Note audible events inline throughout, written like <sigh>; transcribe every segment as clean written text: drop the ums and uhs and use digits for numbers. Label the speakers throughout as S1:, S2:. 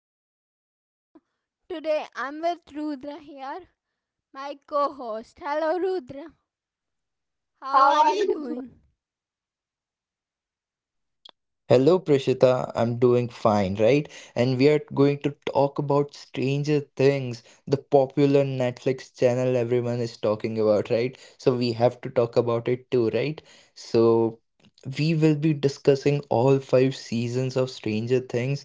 S1: podcast. Today I'm with Rudra here, my co host. Hello, Rudra. How are
S2: How are
S1: you
S2: you?
S1: doing?
S2: Hello, Prishita. I'm doing fine, right? And we are going to talk about Stranger Things, the popular Netflix channel everyone is talking about, right? So we have to talk about it too, right? So we will be discussing all five seasons of Stranger Things,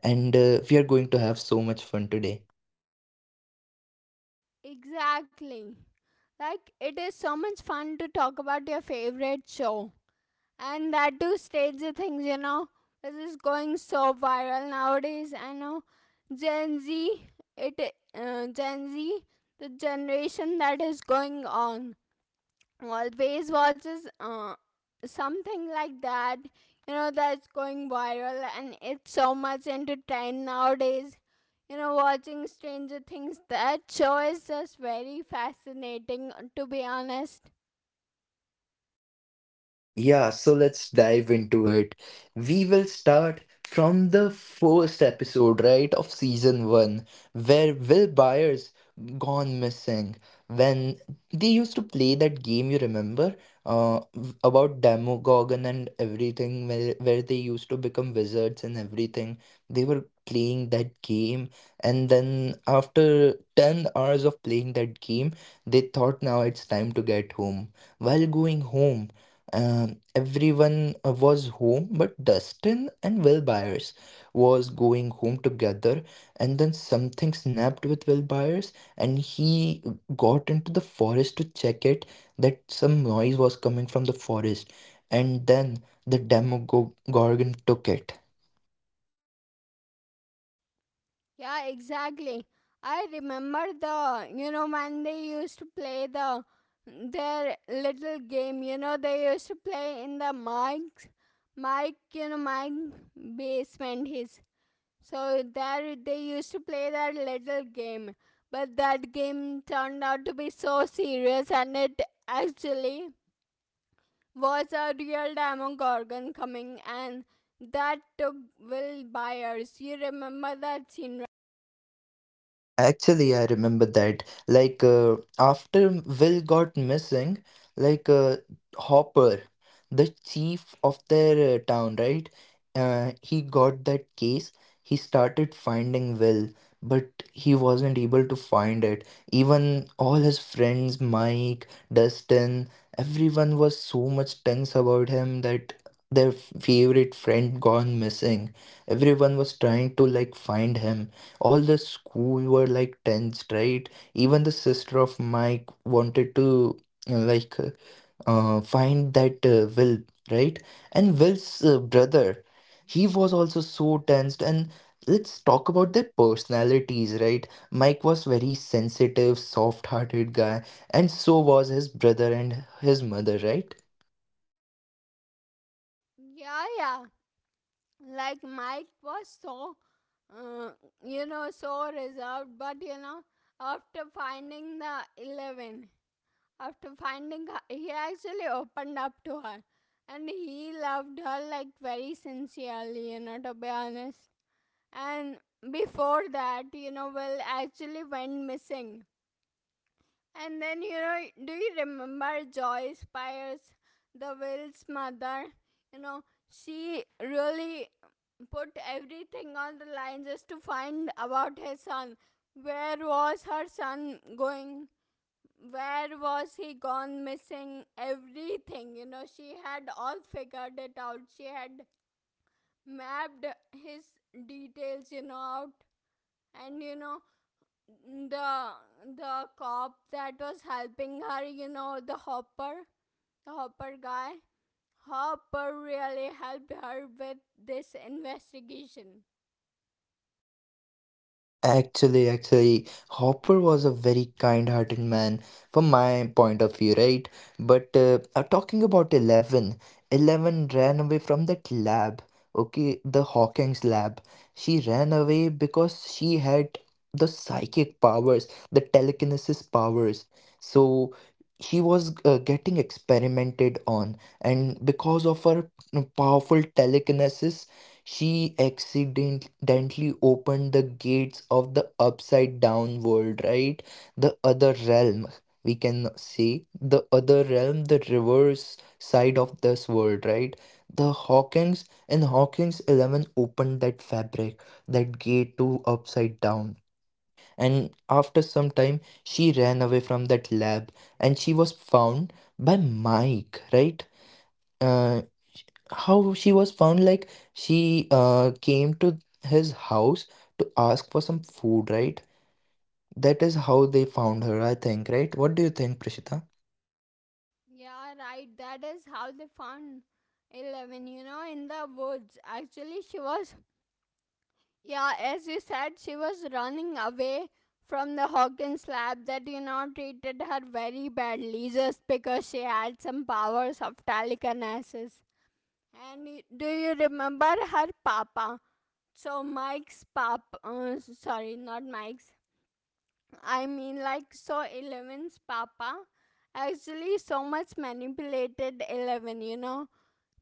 S2: and we are going to have so much fun today.
S1: Exactly. Like, it is so much fun to talk about your favorite show. And that too, stage the Things, this is going so viral nowadays. I know Gen Z, it, Gen Z, the generation that is going on always watches something like that, that's going viral, and it's so much into trend nowadays. Watching stranger things, that show is just very fascinating, to be honest.
S2: Yeah, so let's dive into it. We will start from the first episode, right, of season one, where Will Byers gone missing. When they used to play that game, you remember, about Demogorgon and everything, where they used to become wizards and everything. They were playing that game, and then after 10 hours of playing that game, they thought now it's time to get home. While going home, everyone was home, but Dustin and Will Byers was going home together, and then something snapped with Will Byers, and he got into the forest to check it that some noise was coming from the forest, and then the Demogorgon took it.
S1: Yeah, exactly. I remember the you know when they used to play their little game. They used to play in the mike's mike you know mike basement. His So there they used to play that little game, but that game turned out to be so serious, and it actually was a real Demogorgon coming, and that took Will Byers. You remember that scene? Right?
S2: Actually, I remember that. Like, after Will got missing, like, Hopper, the chief of their town, right? He got that case. He started finding Will, but he wasn't able to find it. Even all his friends, Mike, Dustin, everyone was so much tense about him that their favorite friend gone missing. Everyone was trying to, like, find him. All the school were like tense, right? Even the sister of Mike wanted to, like, find that, Will, right? And Will's brother, he was also so tensed. And let's talk about their personalities, right? Mike was very sensitive, soft-hearted guy, and so was his brother, and his mother, right?
S1: Yeah, yeah. Like Mike was uh, so reserved, but after finding the eleven, After finding her, he actually opened up to her, and he loved her like very sincerely, to be honest. And before that, Will actually went missing. And then, do you remember Joyce Byers, the Will's mother? You know, she really put everything on the line just to find about her son. Where was her son going? Where was he gone missing? Everything, she had all figured it out. She had mapped his details, out. And the cop that was helping her, the Hopper, the Hopper guy, Hopper really helped her with this investigation.
S2: Actually, Hopper was a very kind-hearted man from my point of view, right? But talking about Eleven, Eleven ran away from that lab, okay, the Hawking's lab. She ran away because she had the psychic powers, the telekinesis powers. So she was getting experimented on, and because of her powerful telekinesis, she accidentally opened the gates of the upside down world, right? The other realm, we can say. The other realm, the reverse side of this world, right? The Hawkins and Hawkins Eleven opened that fabric, that gate to upside down. And after some time, she ran away from that lab and she was found by Mike, right? uh, how she was found, like, she came to his house to ask for some food, right? That is how they found her, I think, right? What do you think, Prishita?
S1: Yeah, right. That is how they found 11, in the woods. Actually she was Yeah, as you said, she was running away from the Hawkins lab that, treated her very badly just because she had some powers of telekinesis. And do you remember her papa? So Mike's papa, sorry, not Mike's, I mean, like, so Eleven's papa actually so much manipulated 11,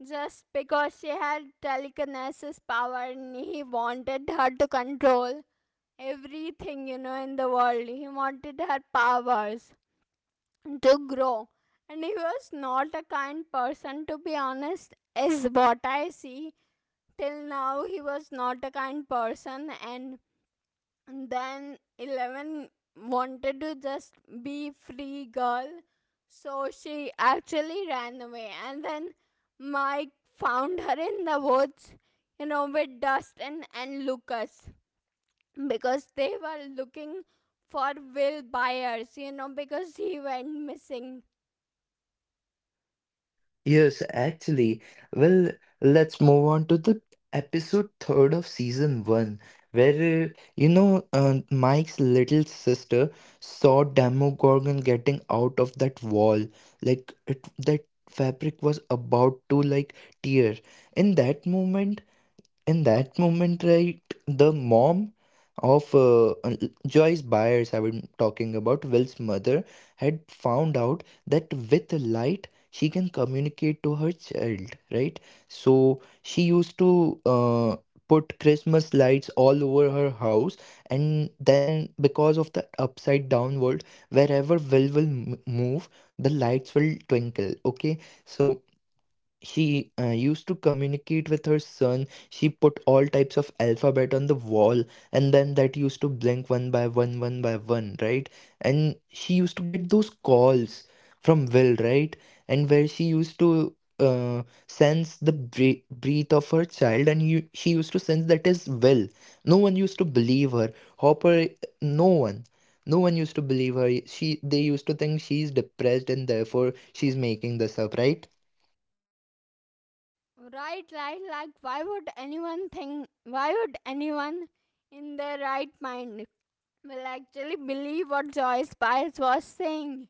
S1: just because she had telekinesis power and he wanted her to control everything, in the world. He wanted her powers to grow. And he was not a kind person, to be honest, is what I see. Till now, he was not a kind person, and then 11 wanted to just be free girl. So she actually ran away. And then Mike found her in the woods, with Dustin and Lucas, because they were looking for Will Byers, because he went missing.
S2: Yes, actually, well, let's move on to the episode third of season one where, Mike's little sister saw Demogorgon getting out of that wall, like it, that fabric was about to, like, tear in that moment in that moment, right, the mom of Joyce Byers, I am talking about Will's mother, had found out that with light she can communicate to her child, right? So she used to, uh, put Christmas lights all over her house. And then, because of the upside down world, wherever Will move, the lights will twinkle. Okay. So she used to communicate with her son. She put all types of alphabet on the wall, and then that used to blink one by one, right? And she used to get those calls from Will, right? And where she used to sense the breath of her child, and you, she used to sense that is Will. No one used to believe her. Hopper, no one. No one used to believe her. They used to think she's depressed and therefore she's making this up, right?
S1: Right, right, like, why would anyone think, why would anyone in their right mind will actually believe what Joyce Byers was saying?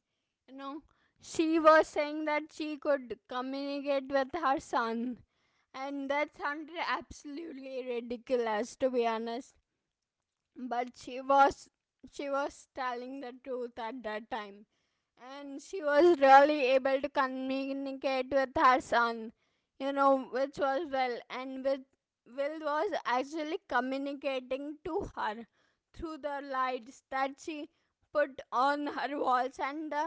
S1: You know, she was saying that she could communicate with her son, and that sounded absolutely ridiculous, to be honest. But she was telling the truth at that time, and she was really able to communicate with her son, which was Will. And with Will was actually communicating to her through the lights that she put on her walls, and the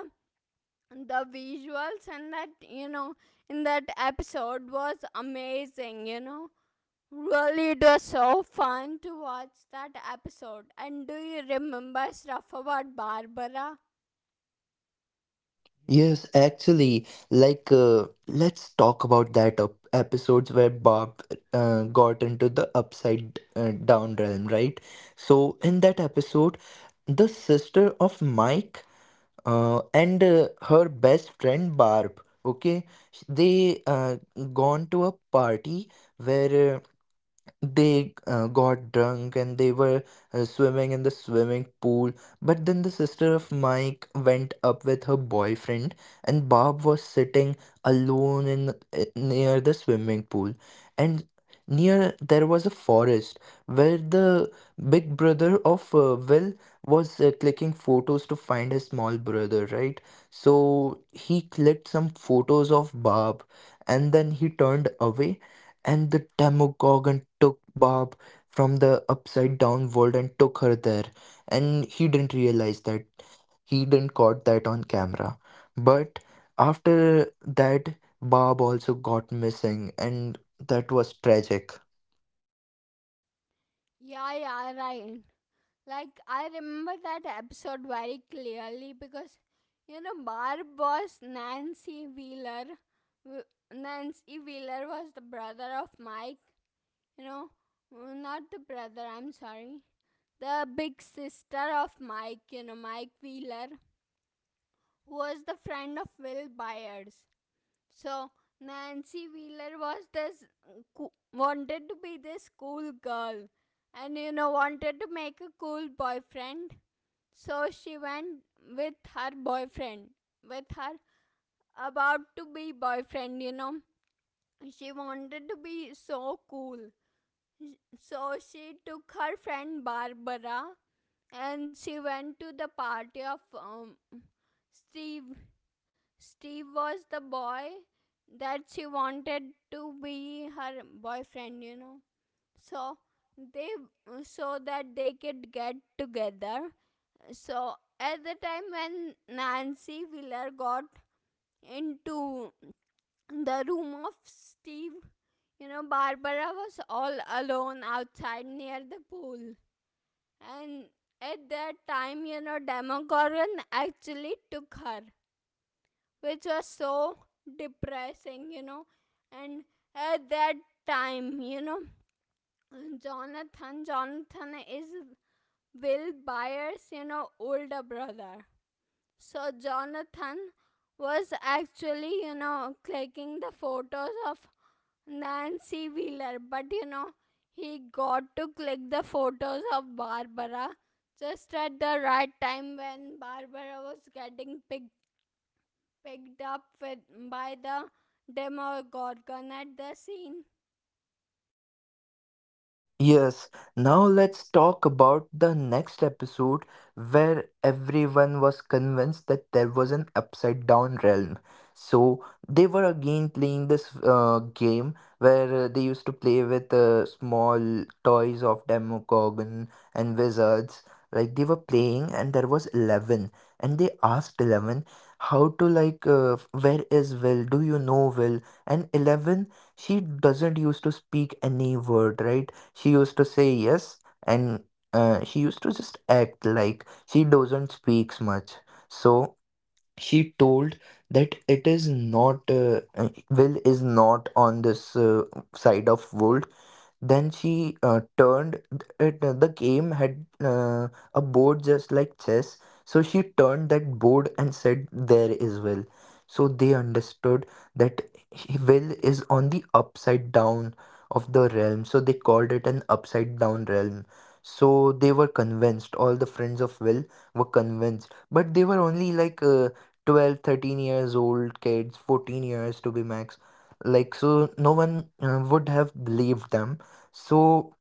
S1: the visuals. And that, in that episode was amazing, Really, it was so fun to watch that episode. And do you remember stuff about Barbara?
S2: Yes, actually, like let's talk about that up episodes where Bob got into the upside down realm, right? So in that episode, the sister of Mike and her best friend Barb, okay, they gone to a party where they got drunk and they were swimming in the swimming pool. But then the sister of Mike went up with her boyfriend, and Bob was sitting alone in near the swimming pool. And near there was a forest where the big brother of Will was clicking photos to find his small brother, right? So he clicked some photos of Bob, and then he turned away and the Demogorgon took Barb from the upside down world and took her there. And he didn't realize that he didn't caught that on camera. But after that, Barb also got missing, and that was tragic.
S1: Yeah, yeah, right. Like, I remember that episode very clearly because, Barb was Nancy Wheeler. Nancy Wheeler was the brother of Mike, you know, not the brother, I'm sorry. The big sister of Mike, Mike Wheeler, who was the friend of Will Byers. So Nancy Wheeler was this wanted to be this cool girl, and wanted to make a cool boyfriend. So she went with her boyfriend, with her about to be boyfriend, She wanted to be so cool. So she took her friend Barbara, and she went to the party of Steve Steve was the boy that she wanted to be her boyfriend, So they, so that they could get together. So at the time when Nancy Wheeler got into the room of Steve, Barbara was all alone outside near the pool. And at that time, Demogorgon actually took her, which was so depressing, And at that time, Jonathan, Jonathan is Will Byers, older brother. So Jonathan was actually, clicking the photos of Nancy Wheeler, but he got to click the photos of Barbara just at the right time when Barbara was getting picked up with, by the Demogorgon, at the scene.
S2: Yes, now let's talk about the next episode where everyone was convinced that there was an upside down realm. So they were again playing this game where they used to play with small toys of Demogorgon and wizards. Like they were playing, and there was Eleven, and they asked Eleven how to, like, where is Will? Do you know Will? And Eleven, she doesn't used to speak any word, right? She used to say yes, and she used to just act like she doesn't speak much. So she told that it is not Will is not on this side of world. Then she turned it. The game had a board just like chess, so she turned that board and said, "There is will." So they understood that will is on the upside down of the realm. So they called it an upside down realm. So they were convinced. All the friends of Will were convinced, but they were only like 12, 13 years old kids, 14 years to be max, like, so no one would have believed them. So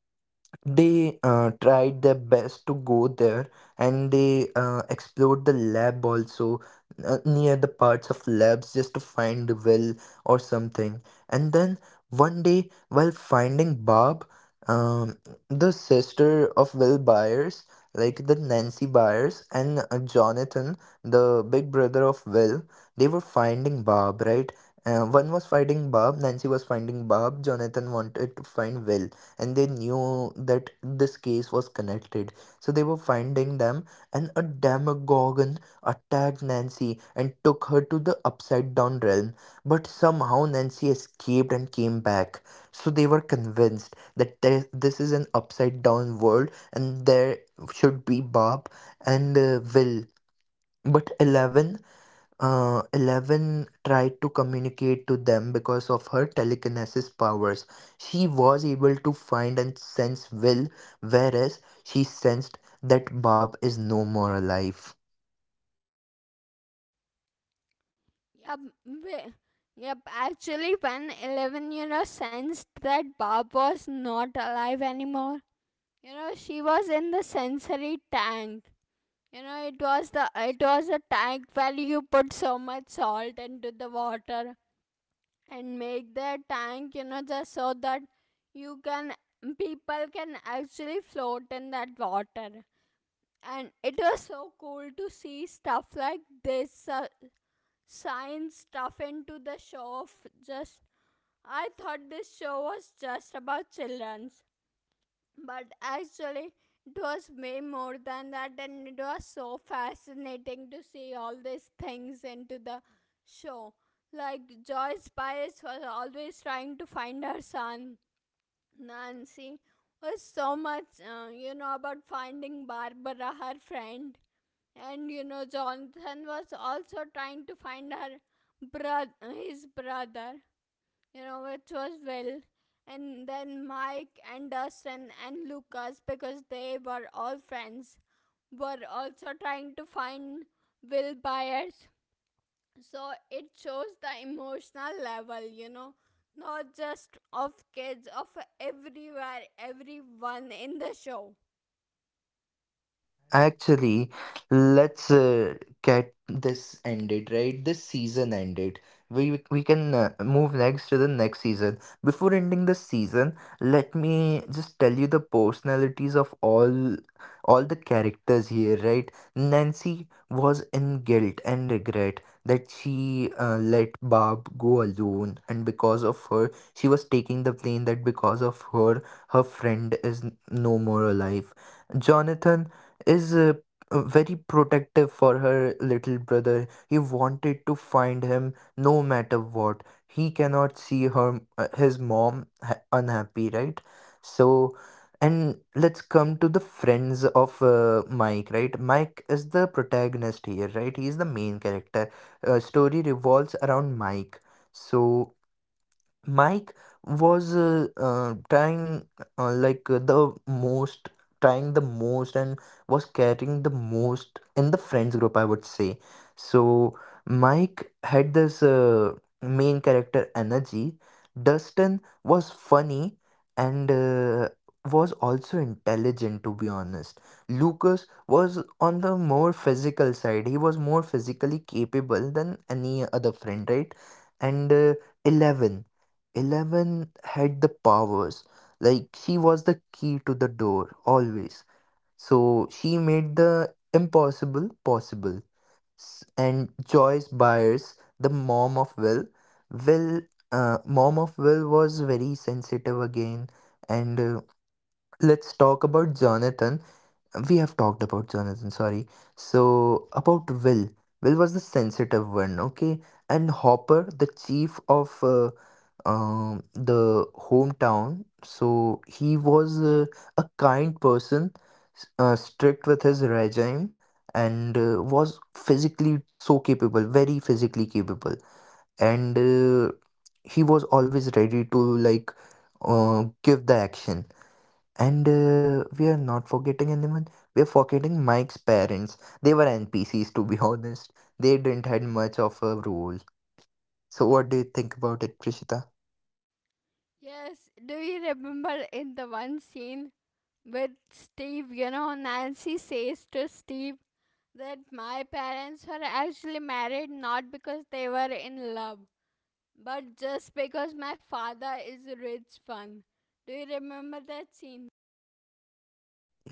S2: they tried their best to go there and they explored the lab also, near the parts of labs just to find the well or something. And then one day, while finding Bob, um, the sister of Will Byers, like the Nancy Byers and Jonathan, the big brother of Will, they were finding Bob, right? One was finding Bob, Nancy was finding Bob, Jonathan wanted to find Will, and they knew that this case was connected. So they were finding them, and a demagogue attacked Nancy and took her to the upside down realm. But somehow Nancy escaped and came back. So they were convinced that there, this is an upside down world and there should be Bob and Will. But Eleven tried to communicate to them because of her telekinesis powers. She was able to find and sense Will, whereas she sensed that Bob is no more alive.
S1: Yep, we- yep. Actually, when Eleven, sensed that Barb was not alive anymore, she was in the sensory tank. It was a tank where you put so much salt into the water and make the tank, just so that you can people can actually float in that water. And it was so cool to see stuff like this, science stuff into the show of just. I thought this show was just about children's, but actually it was way more than that, and it was so fascinating to see all these things into the show. Like, Joyce Byers was always trying to find her son. Nancy was so much, about finding Barbara, her friend. And, Jonathan was also trying to find brother, his brother, which was Will. And then Mike and Dustin and Lucas, because they were all friends, were also trying to find Will Byers. So it shows the emotional level, not just of kids, of everywhere, everyone in the show.
S2: Actually, let's get this ended, right? This season ended. We can move next to the next season. Before ending the season, let me just tell you the personalities of all the characters here, right? Nancy was in guilt and regret that she let Bob go alone, and because of her, she was taking the plane that because of her, her friend is no more alive. Jonathan is very protective for her little brother. He wanted to find him no matter what. He cannot see her his mom unhappy, right? So and let's come to the friends of Mike, right? Mike is the protagonist here, right? He's the main character. Story revolves around Mike. So Mike was trying, the most, trying the most, and was caring the most in the friends group, I would say. So Mike had this main character energy. Dustin was funny and was also intelligent, to be honest. Lucas was on the more physical side. He was more physically capable than any other friend, right? And 11 Eleven had the powers. Like she was the key to the door always. So she made the impossible possible. And Joyce Byers, the mom of Will, mom of Will was very sensitive again. And let's talk about Jonathan. We have talked about Jonathan. Sorry. So about Will. Will was the sensitive one. Okay. And Hopper, the chief of the hometown. So he was a kind person, strict with his regime, and was physically so capable, very physically capable. And he was always ready to, like, give the action. And we are not forgetting anyone. We are forgetting Mike's parents. They were NPCs, to be <laughs> honest. They didn't had much of a role. So, what do you think about it, Prishita?
S1: Yes, do you remember in the one scene with Steve, Nancy says to Steve that my parents were actually married not because they were in love, but just because my father is rich fun. Do you remember that scene?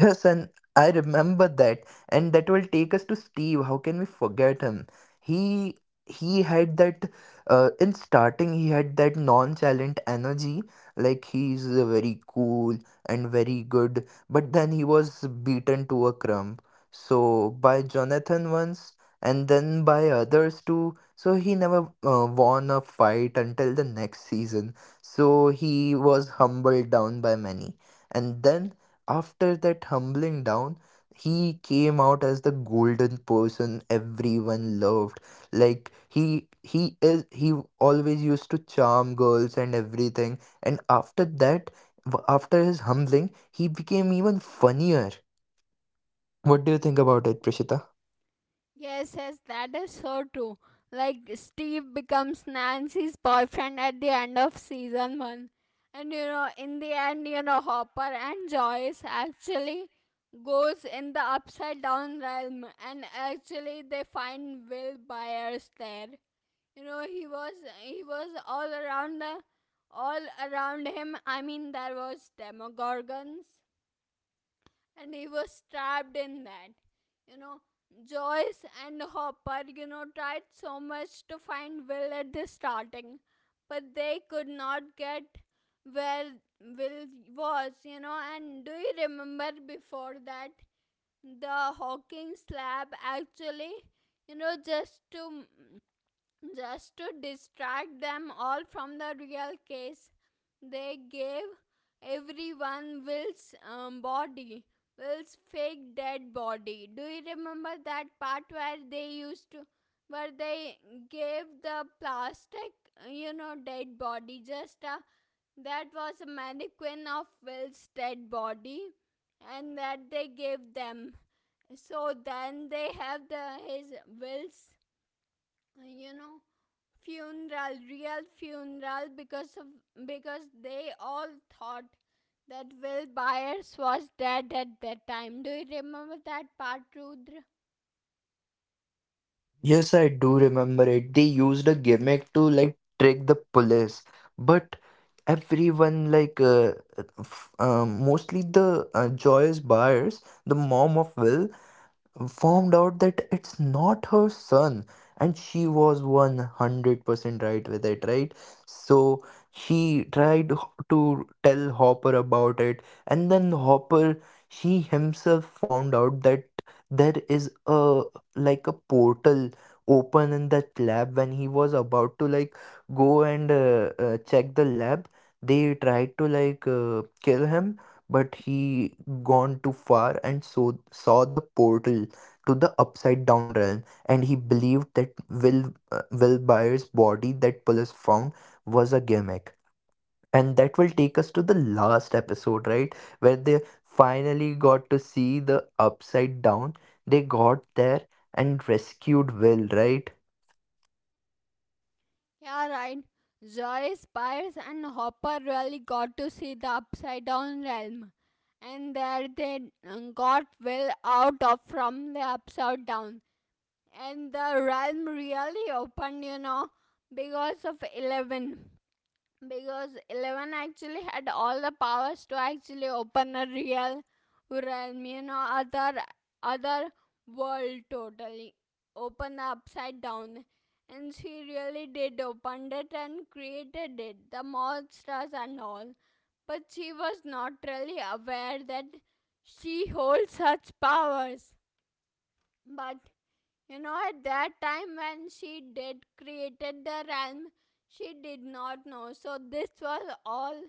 S2: Yes, and I remember that, and that will take us to Steve. How can we forget him? He he had that in starting he had that nonchalant energy, like he's very cool and very good, but then he was beaten to a crumb. So by Jonathan once, and then by others too. So he never won a fight until the next season. So he was humbled down by many, and then after that humbling down, he came out as the golden person everyone loved. Like he always used to charm girls and everything. And after that, after his humbling, he became even funnier. What do you think about it, Prishita?
S1: Yes, yes, that is so true. Like, Steve becomes Nancy's boyfriend at the end of season one. And in the end, Hopper and Joyce actually goes in the upside down realm, and actually they find Will Byers there. You know, he was he was all around the all around him. I mean, there was Demogorgons, and he was trapped in that. You know, Joyce and Hopper, tried so much to find Will at the starting, but they could not get where Will was, And do you remember before that the Hawkins lab actually, you know, just to just to distract them all from the real case, they gave everyone Will's body, Will's fake dead body. Do you remember that part where they used to, where they gave the plastic, dead body? Just a, that was a mannequin of Will's dead body, and that they gave them. So then they have the his Will's, you know funeral, real funeral, because of, because they all thought that will byers was dead at that time. Do you remember that part, rudra?
S3: Yes, I do remember it. They used a gimmick to like trick the police, but everyone like mostly the joyous buyers, the mom of Will, found out that it's not her son, and she was 100% right with it, right? So she tried to tell Hopper about it, and then Hopper he himself found out that there is a like a portal open in that lab. When he was about to like go and check the lab, they tried to like kill him, but he gone too far and so saw the portal to the upside down realm. And he believed that Will Byers' body that police found was a gimmick. And that will take us to the last episode, right? Where they finally got to see the upside down. They got there and rescued Will, right?
S1: Yeah, right. Joyce Byers and Hopper really got to see the upside down realm, and there they got Will out of from the upside down, and the realm really opened, because of 11. Because Eleven actually had all the powers to actually open a real realm, other other world totally, open the upside down, and she really did opened it and created it, the monsters and all. But she was not really aware that she holds such powers. But at that time when she did created the realm, she did not know. So this was all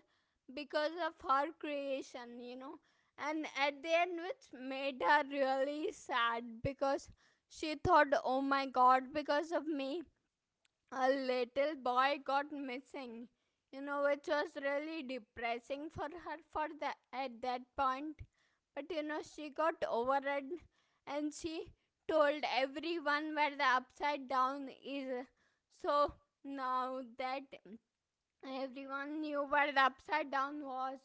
S1: because of her creation, And at the end, which made her really sad because she thought, oh my god, because of me, a little boy got missing. Which was really depressing for her for the at that point. But she got over it, and she told everyone where the upside down is. So now that everyone knew where the upside down was,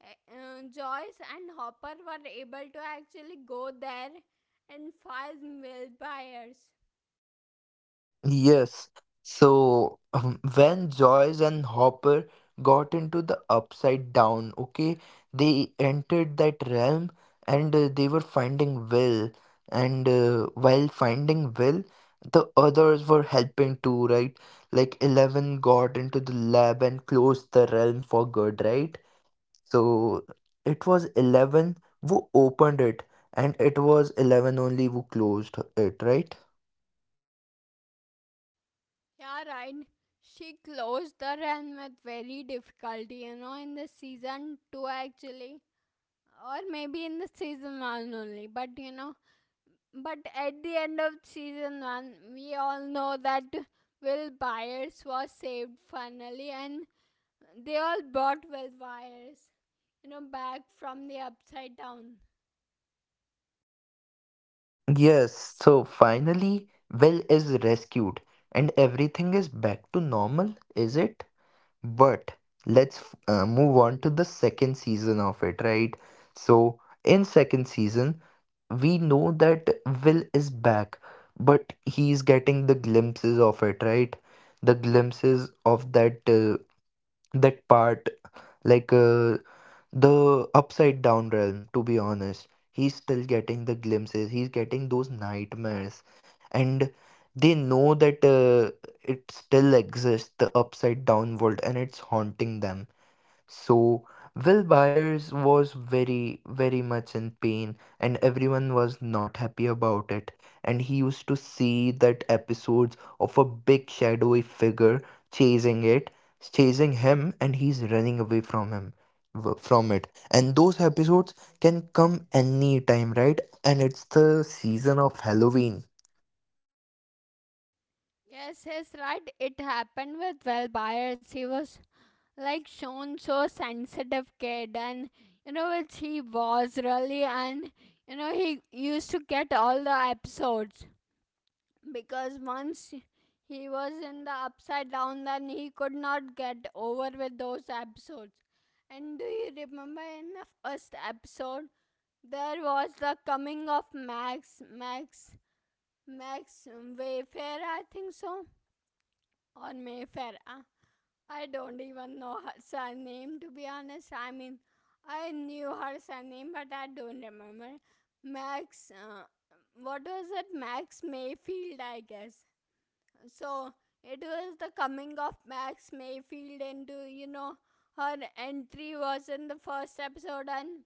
S1: Joyce and Hopper were able to actually go there and find mill buyers.
S3: Yes. So when Joyce and Hopper got into the upside down, okay, they entered that realm and they were finding Will. And while finding Will, the others were helping too, right? Like Eleven got into the lab and closed the realm for good, right? So it was Eleven who opened it, and it was Eleven only who closed it, right?
S1: Yeah, right. She closed the run with very difficulty, in the season 2 actually, or maybe in the season 1 only, but at the end of season 1, we all know that Will Byers was saved finally, and they all brought Will Byers, back from the upside down.
S3: Yes, so finally, Will is rescued and everything is back to normal, is it? But let's move on to the second season of it, right? So, in second season, we know that Will is back, but he's getting the glimpses of it, right? The glimpses of that that part like the upside down realm, to be honest. He's still getting the glimpses, he's getting those nightmares, and they know that it still exists, the upside down world, and it's haunting them. So Will Byers was very, very much in pain, and everyone was not happy about it. And he used to see that episodes of a big shadowy figure chasing it, chasing him, and he's running away from him, from it. And those episodes can come any time, right? And it's the season of Halloween.
S1: Yes, yes, right. It happened with Will Byers. He was like shown so sensitive kid, and which he was really, and he used to get all the episodes. Because once he was in the upside down, then he could not get over with those episodes. And do you remember in the first episode there was the coming of Max Wayfair, I think so, or Mayfair? I don't even know her surname, to be honest. I mean I knew her surname, but I don't remember. Max, what was it? Max Mayfield, I guess. So it was the coming of Max Mayfield into, you know, her entry was in the first episode, and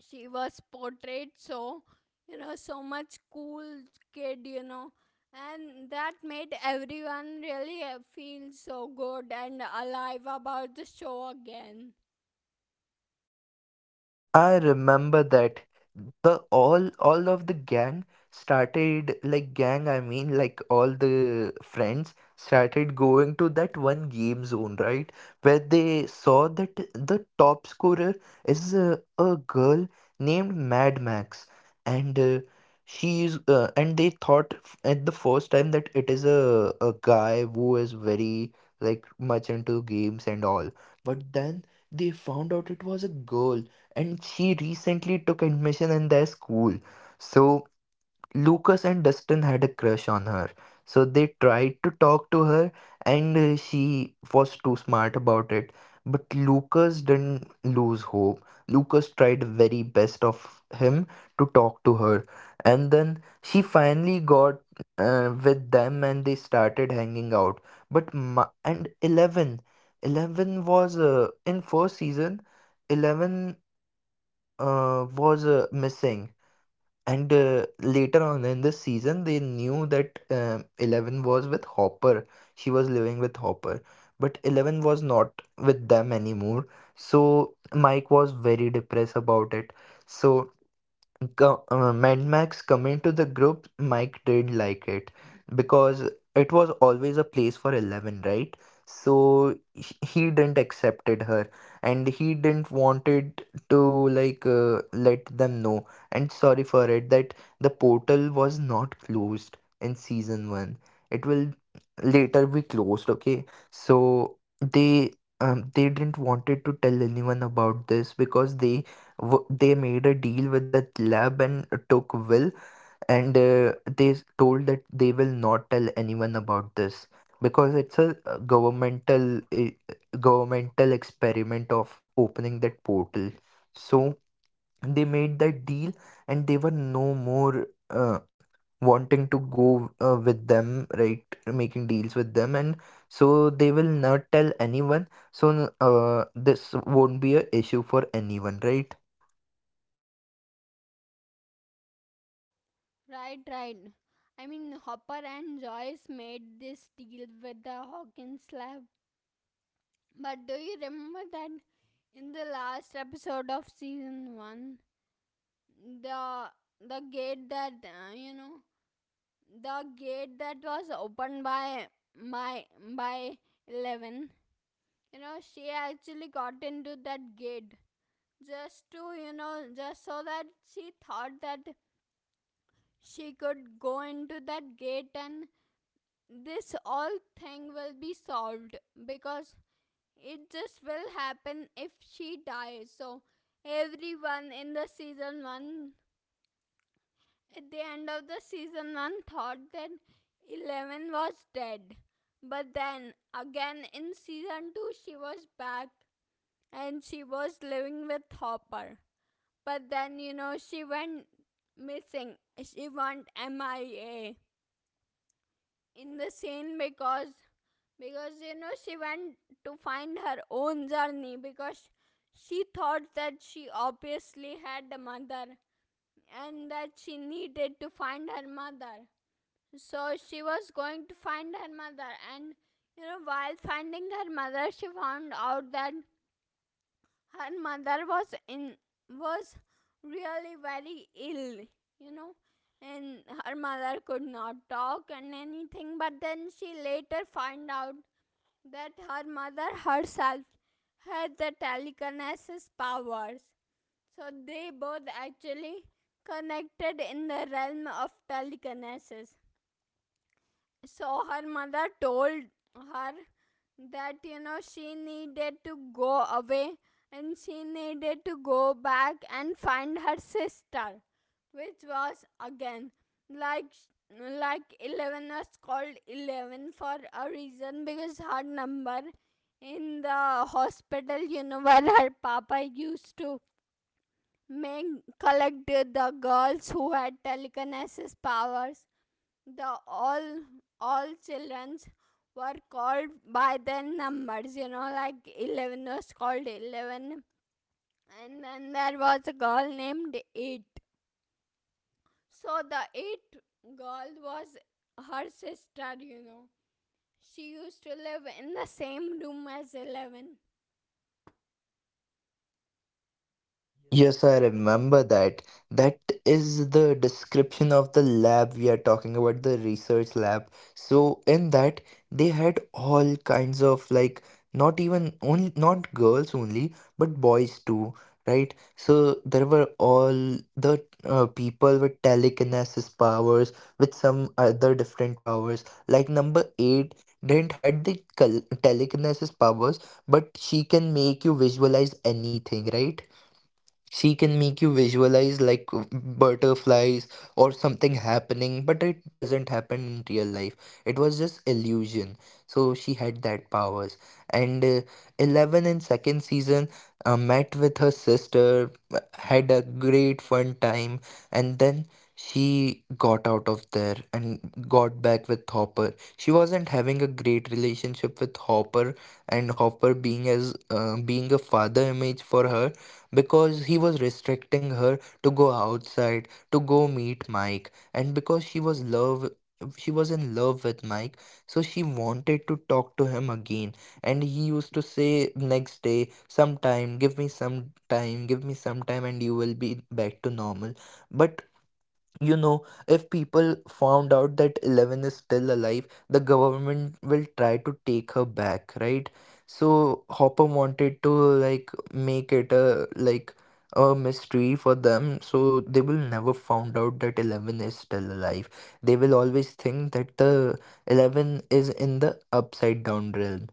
S1: she was portrayed so, you know, so much cool kid, you know. And that made everyone really feel so good and alive about the show again.
S3: I remember that the all of the gang started like gang, I mean like all the friends started going to that one game zone, right, where they saw that the top scorer is a girl named Mad Max. And she's and they thought at the first time that it is a guy who is very like much into games and all, but then they found out it was a girl, and she recently took admission in their school. So Lucas and Dustin had a crush on her. So they tried to talk to her, and she was too smart about it. But Lucas didn't lose hope. Lucas tried very best of him to talk to her, and then she finally got with them, and they started hanging out. And Eleven, Eleven was in first season. Eleven was missing. And later on in the season, they knew that Eleven was with Hopper. She was living with Hopper, but Eleven was not with them anymore. So Mike was very depressed about it. So Mad Max coming to the group, Mike did like it because it was always a place for Eleven, right? So he didn't accepted her, and he didn't wanted to like let them know and sorry for it that the portal was not closed in season 1. It will later be closed, okay? So they didn't wanted to tell anyone about this because they made a deal with the lab and took Will, and told that they will not tell anyone about this because it's a governmental experiment of opening that portal. So they made that deal, and they were no more wanting to go with them, right? Making deals with them, and so they will not tell anyone. So this won't be a issue for anyone, right?
S1: Right, right. I mean, Hopper and Joyce made this deal with the Hawkins lab. But do you remember that in the last episode of season 1, the the gate that, you know, the gate that was opened by my by 11, you know, she actually got into that gate just to, you know, just so that she thought that she could go into that gate and this all thing will be solved, because it just will happen if she dies. So everyone in the season one, at the end of the season one, thought that 11 was dead. But then again in season two, she was back and she was living with Hopper. But then, you know, she went missing. She went MIA in the scene, because you know, she went to find her own journey, because she thought that she obviously had a mother and that she needed to find her mother. So she was going to find her mother, and you know, while finding her mother, she found out that her mother was really very ill, you know. And her mother could not talk and anything, but then she later find out that her mother herself had the telekinesis powers. So they both actually connected in the realm of telekinesis. So her mother told her that, you know, she needed to go away and she needed to go back and find her sister, which was again, like like 11 was called 11 for a reason, because her number in the hospital, you know, where her papa used to make collect the girls who had telekinesis powers, the all childrens were called by their numbers, you know, like 11 was called 11. And then there was a girl named 8. So the 8 girl was her sister, you know, she used to live in the same room as 11.
S3: Yes, I remember that. That is the description of the lab we are talking about, the research lab. So in that they had all kinds of like not even only not girls only, but boys too, right? So there were all the people with telekinesis powers, with some other different powers. Like number eight didn't had the col telekinesis powers, but she can make you visualize anything, right? She can make you visualize like butterflies or something happening, but it doesn't happen in real life. It was just illusion. So she had that powers. And Eleven in second season met with her sister, had a great fun time, and then she got out of there and got back with Hopper. She wasn't having a great relationship with Hopper, and Hopper being as being a father image for her, because he was restricting her to go outside, to go meet Mike. And because she was in love with Mike, so she wanted to talk to him again. And he used to say next day, sometime, give me some time, give me some time, and you will be back to normal. But you know, if people found out that Eleven is still alive, the government will try to take her back, right? So Hopper wanted to like make it a like a mystery for them, so they will never found out that Eleven is still alive. They will always think that the Eleven is in the upside down realm.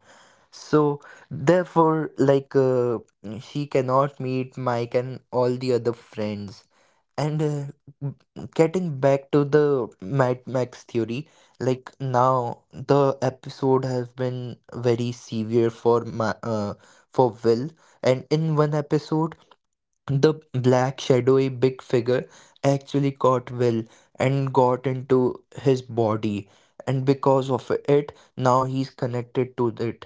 S3: So therefore, like she cannot meet Mike and all the other friends. And getting back to the Mad Max theory, like now the episode has been very severe for my for Will, and in one episode the black shadowy big figure actually caught Will and got into his body, and because of it, now he's connected to it,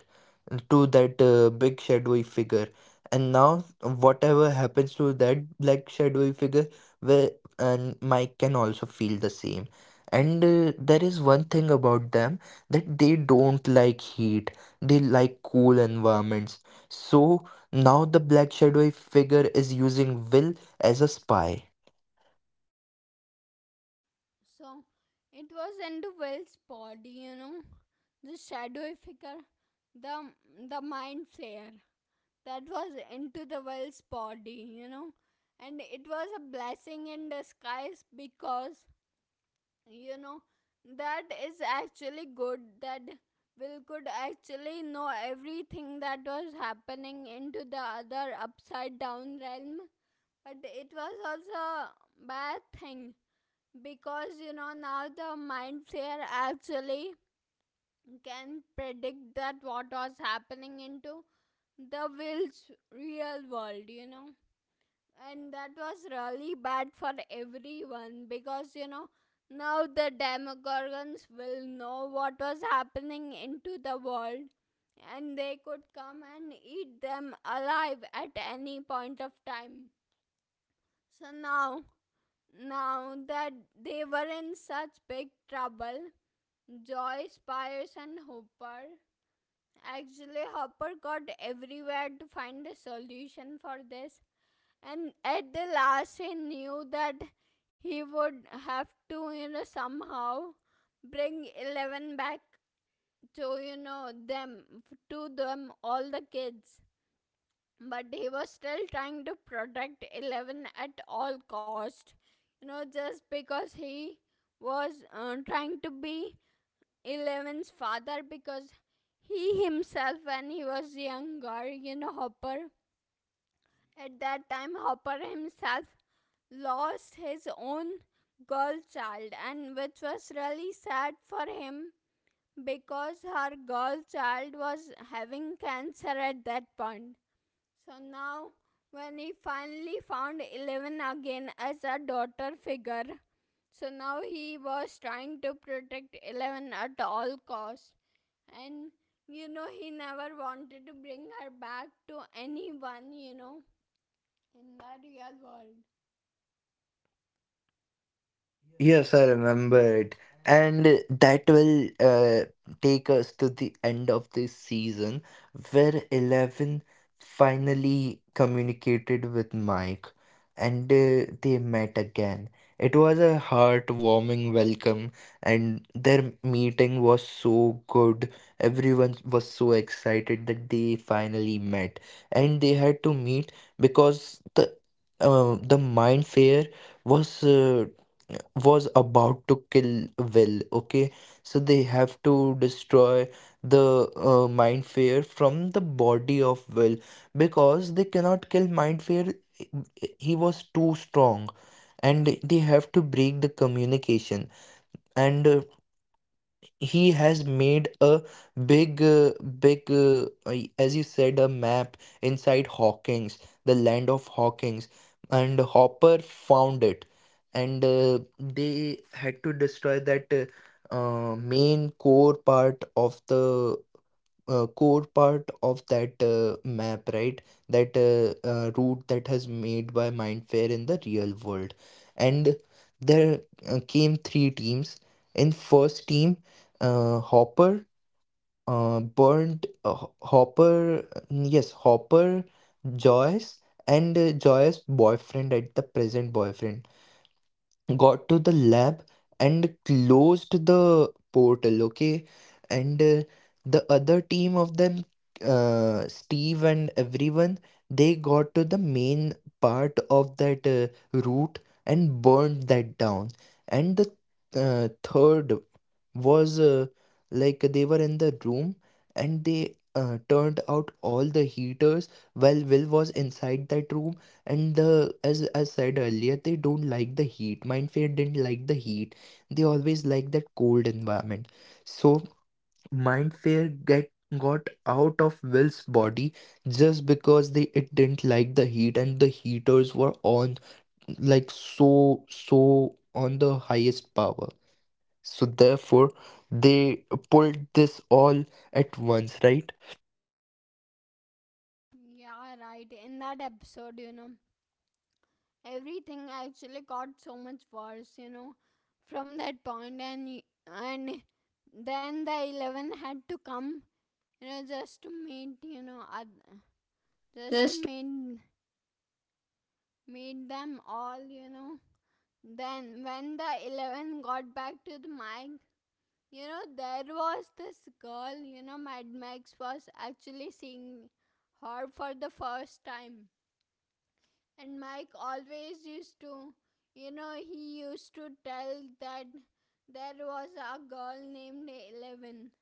S3: to that big shadowy figure. And now, whatever happens to that black shadowy figure, Will and Mike can also feel the same. And there is one thing about them that they don't like heat; they like cool environments. So now the Black shadowy figure is using Will as a spy.
S1: So it was into Will's body, you know, the shadowy figure, the the mind flayer that was into the Well's body, you know. And it was a blessing in disguise because, you know, that is actually good that Will could actually know everything that was happening into the other upside down realm. But it was also a bad thing because, you know, now the mind flayer actually can predict that what was happening into the Will's real world, you know. And that was really bad for everyone because, you know, now the demogorgons will know what was happening into the world, and they could come and eat them alive at any point of time. So now now that they were in such big trouble. Joyce Spires and Hooper, actually Hopper, got everywhere to find a solution for this, and at the last, he knew that he would have to, you know, somehow bring 11 back to, you know, them, to them, all the kids. But he was still trying to protect 11 at all cost, you know, just because he was trying to be 11's father, because he himself, when he was younger, you know, Hopper, at that time, Hopper himself lost his own girl child, and which was really sad for him because her girl child was having cancer at that point. So now, when he finally found 11 again as a daughter figure, so now he was trying to protect 11 at all costs. And you know, he never wanted to bring her back to anyone, you know, in the real world.
S3: Yes, I remember it. And that will take us to the end of this season where Eleven finally communicated with Mike, and they met again. It was a heartwarming welcome, and their meeting was so good. Everyone was so excited that they finally met, and they had to meet because the Mind Fair was. Was about to kill Will, okay? So they have to destroy the Mind Fayer from the body of Will, because they cannot kill Mind Fayer. He was too strong, and they have to break the communication. And he has made a big, uh, as you said, a map inside Hawkins, the land of Hawkins, and Hopper found it. And they had to destroy that main core part of the core part of that map, right? That route that has made by Mindfair in the real world. And there came 3 teams. In first team, Hopper, Burned, Ho- Hopper, yes, Hopper, Joyce, and Joyce's boyfriend at the present boyfriend got to the lab and closed the portal, okay. And the other team of them, Steve and everyone, they got to the main part of that route and burned that down. And the third was like they were in the room, and they turned out all the heaters while Will was inside that room. And the, as I said earlier, they don't like the heat, Mindfair didn't like the heat, they always like that cold environment. So Mindfair get got out of Will's body just because they it didn't like the heat and the heaters were on like so on the highest power. So therefore, they pulled this all at once, right?
S1: Yeah, right, in that episode, you know, everything actually got so much worse, you know, from that point. And then the 11 had to come, you know, just to meet, you know, just to
S3: Just
S1: meet meet them all, you know. Then when the 11 got back to the Mic, you know, there was this girl, you know, Mad Max was actually seeing her for the first time. And Mike always used to, you know, he used to tell that there was a girl named 11.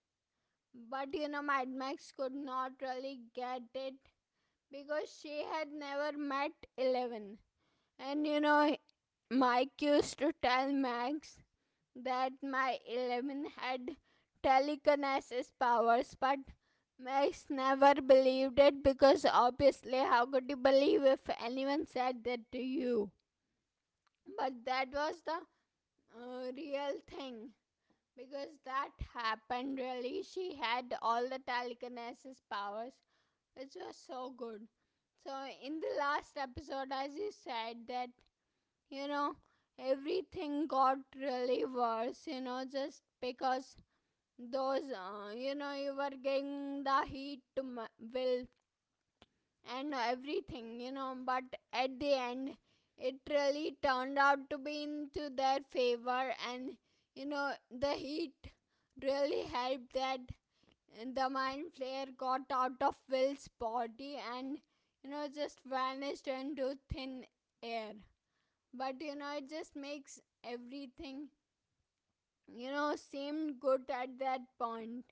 S1: But, you know, Mad Max could not really get it because she had never met 11. And you know, Mike used to tell Max that my 11 had telekinesis powers, but Max never believed it, because obviously, how could you believe if anyone said that to you? But that was the real thing, because that happened really. She had all the telekinesis powers, which was so good. So, in the last episode, as you said, that, you know, everything got really worse, you know, just because those, you know, you were getting the heat to my Will and everything, you know. But at the end, it really turned out to be into their favor, and you know, the heat really helped that the mind flare got out of Will's body and, you know, just vanished into thin air. But you know, it just makes everything, you know, seem good at that point.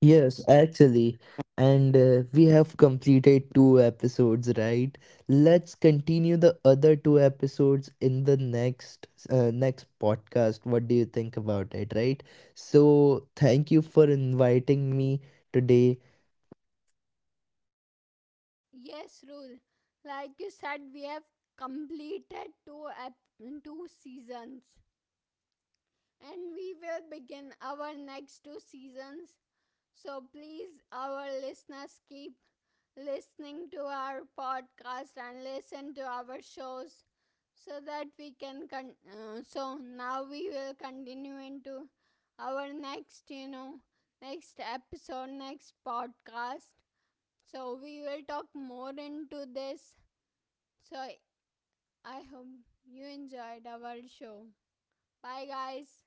S3: Yes, actually. And we have completed 2 episodes, right? Let's continue the other 2 episodes in the next next podcast. What do you think about it, right? So, thank you for inviting me today
S1: Yes, rule, like you said, we have completed two seasons, and we will begin our next two seasons. So please, our listeners, keep listening to our podcast and listen to our shows so that we can. So now we will continue into our next, you know, next episode, next podcast. So we will talk more into this. So I hope you enjoyed our show. Bye, guys.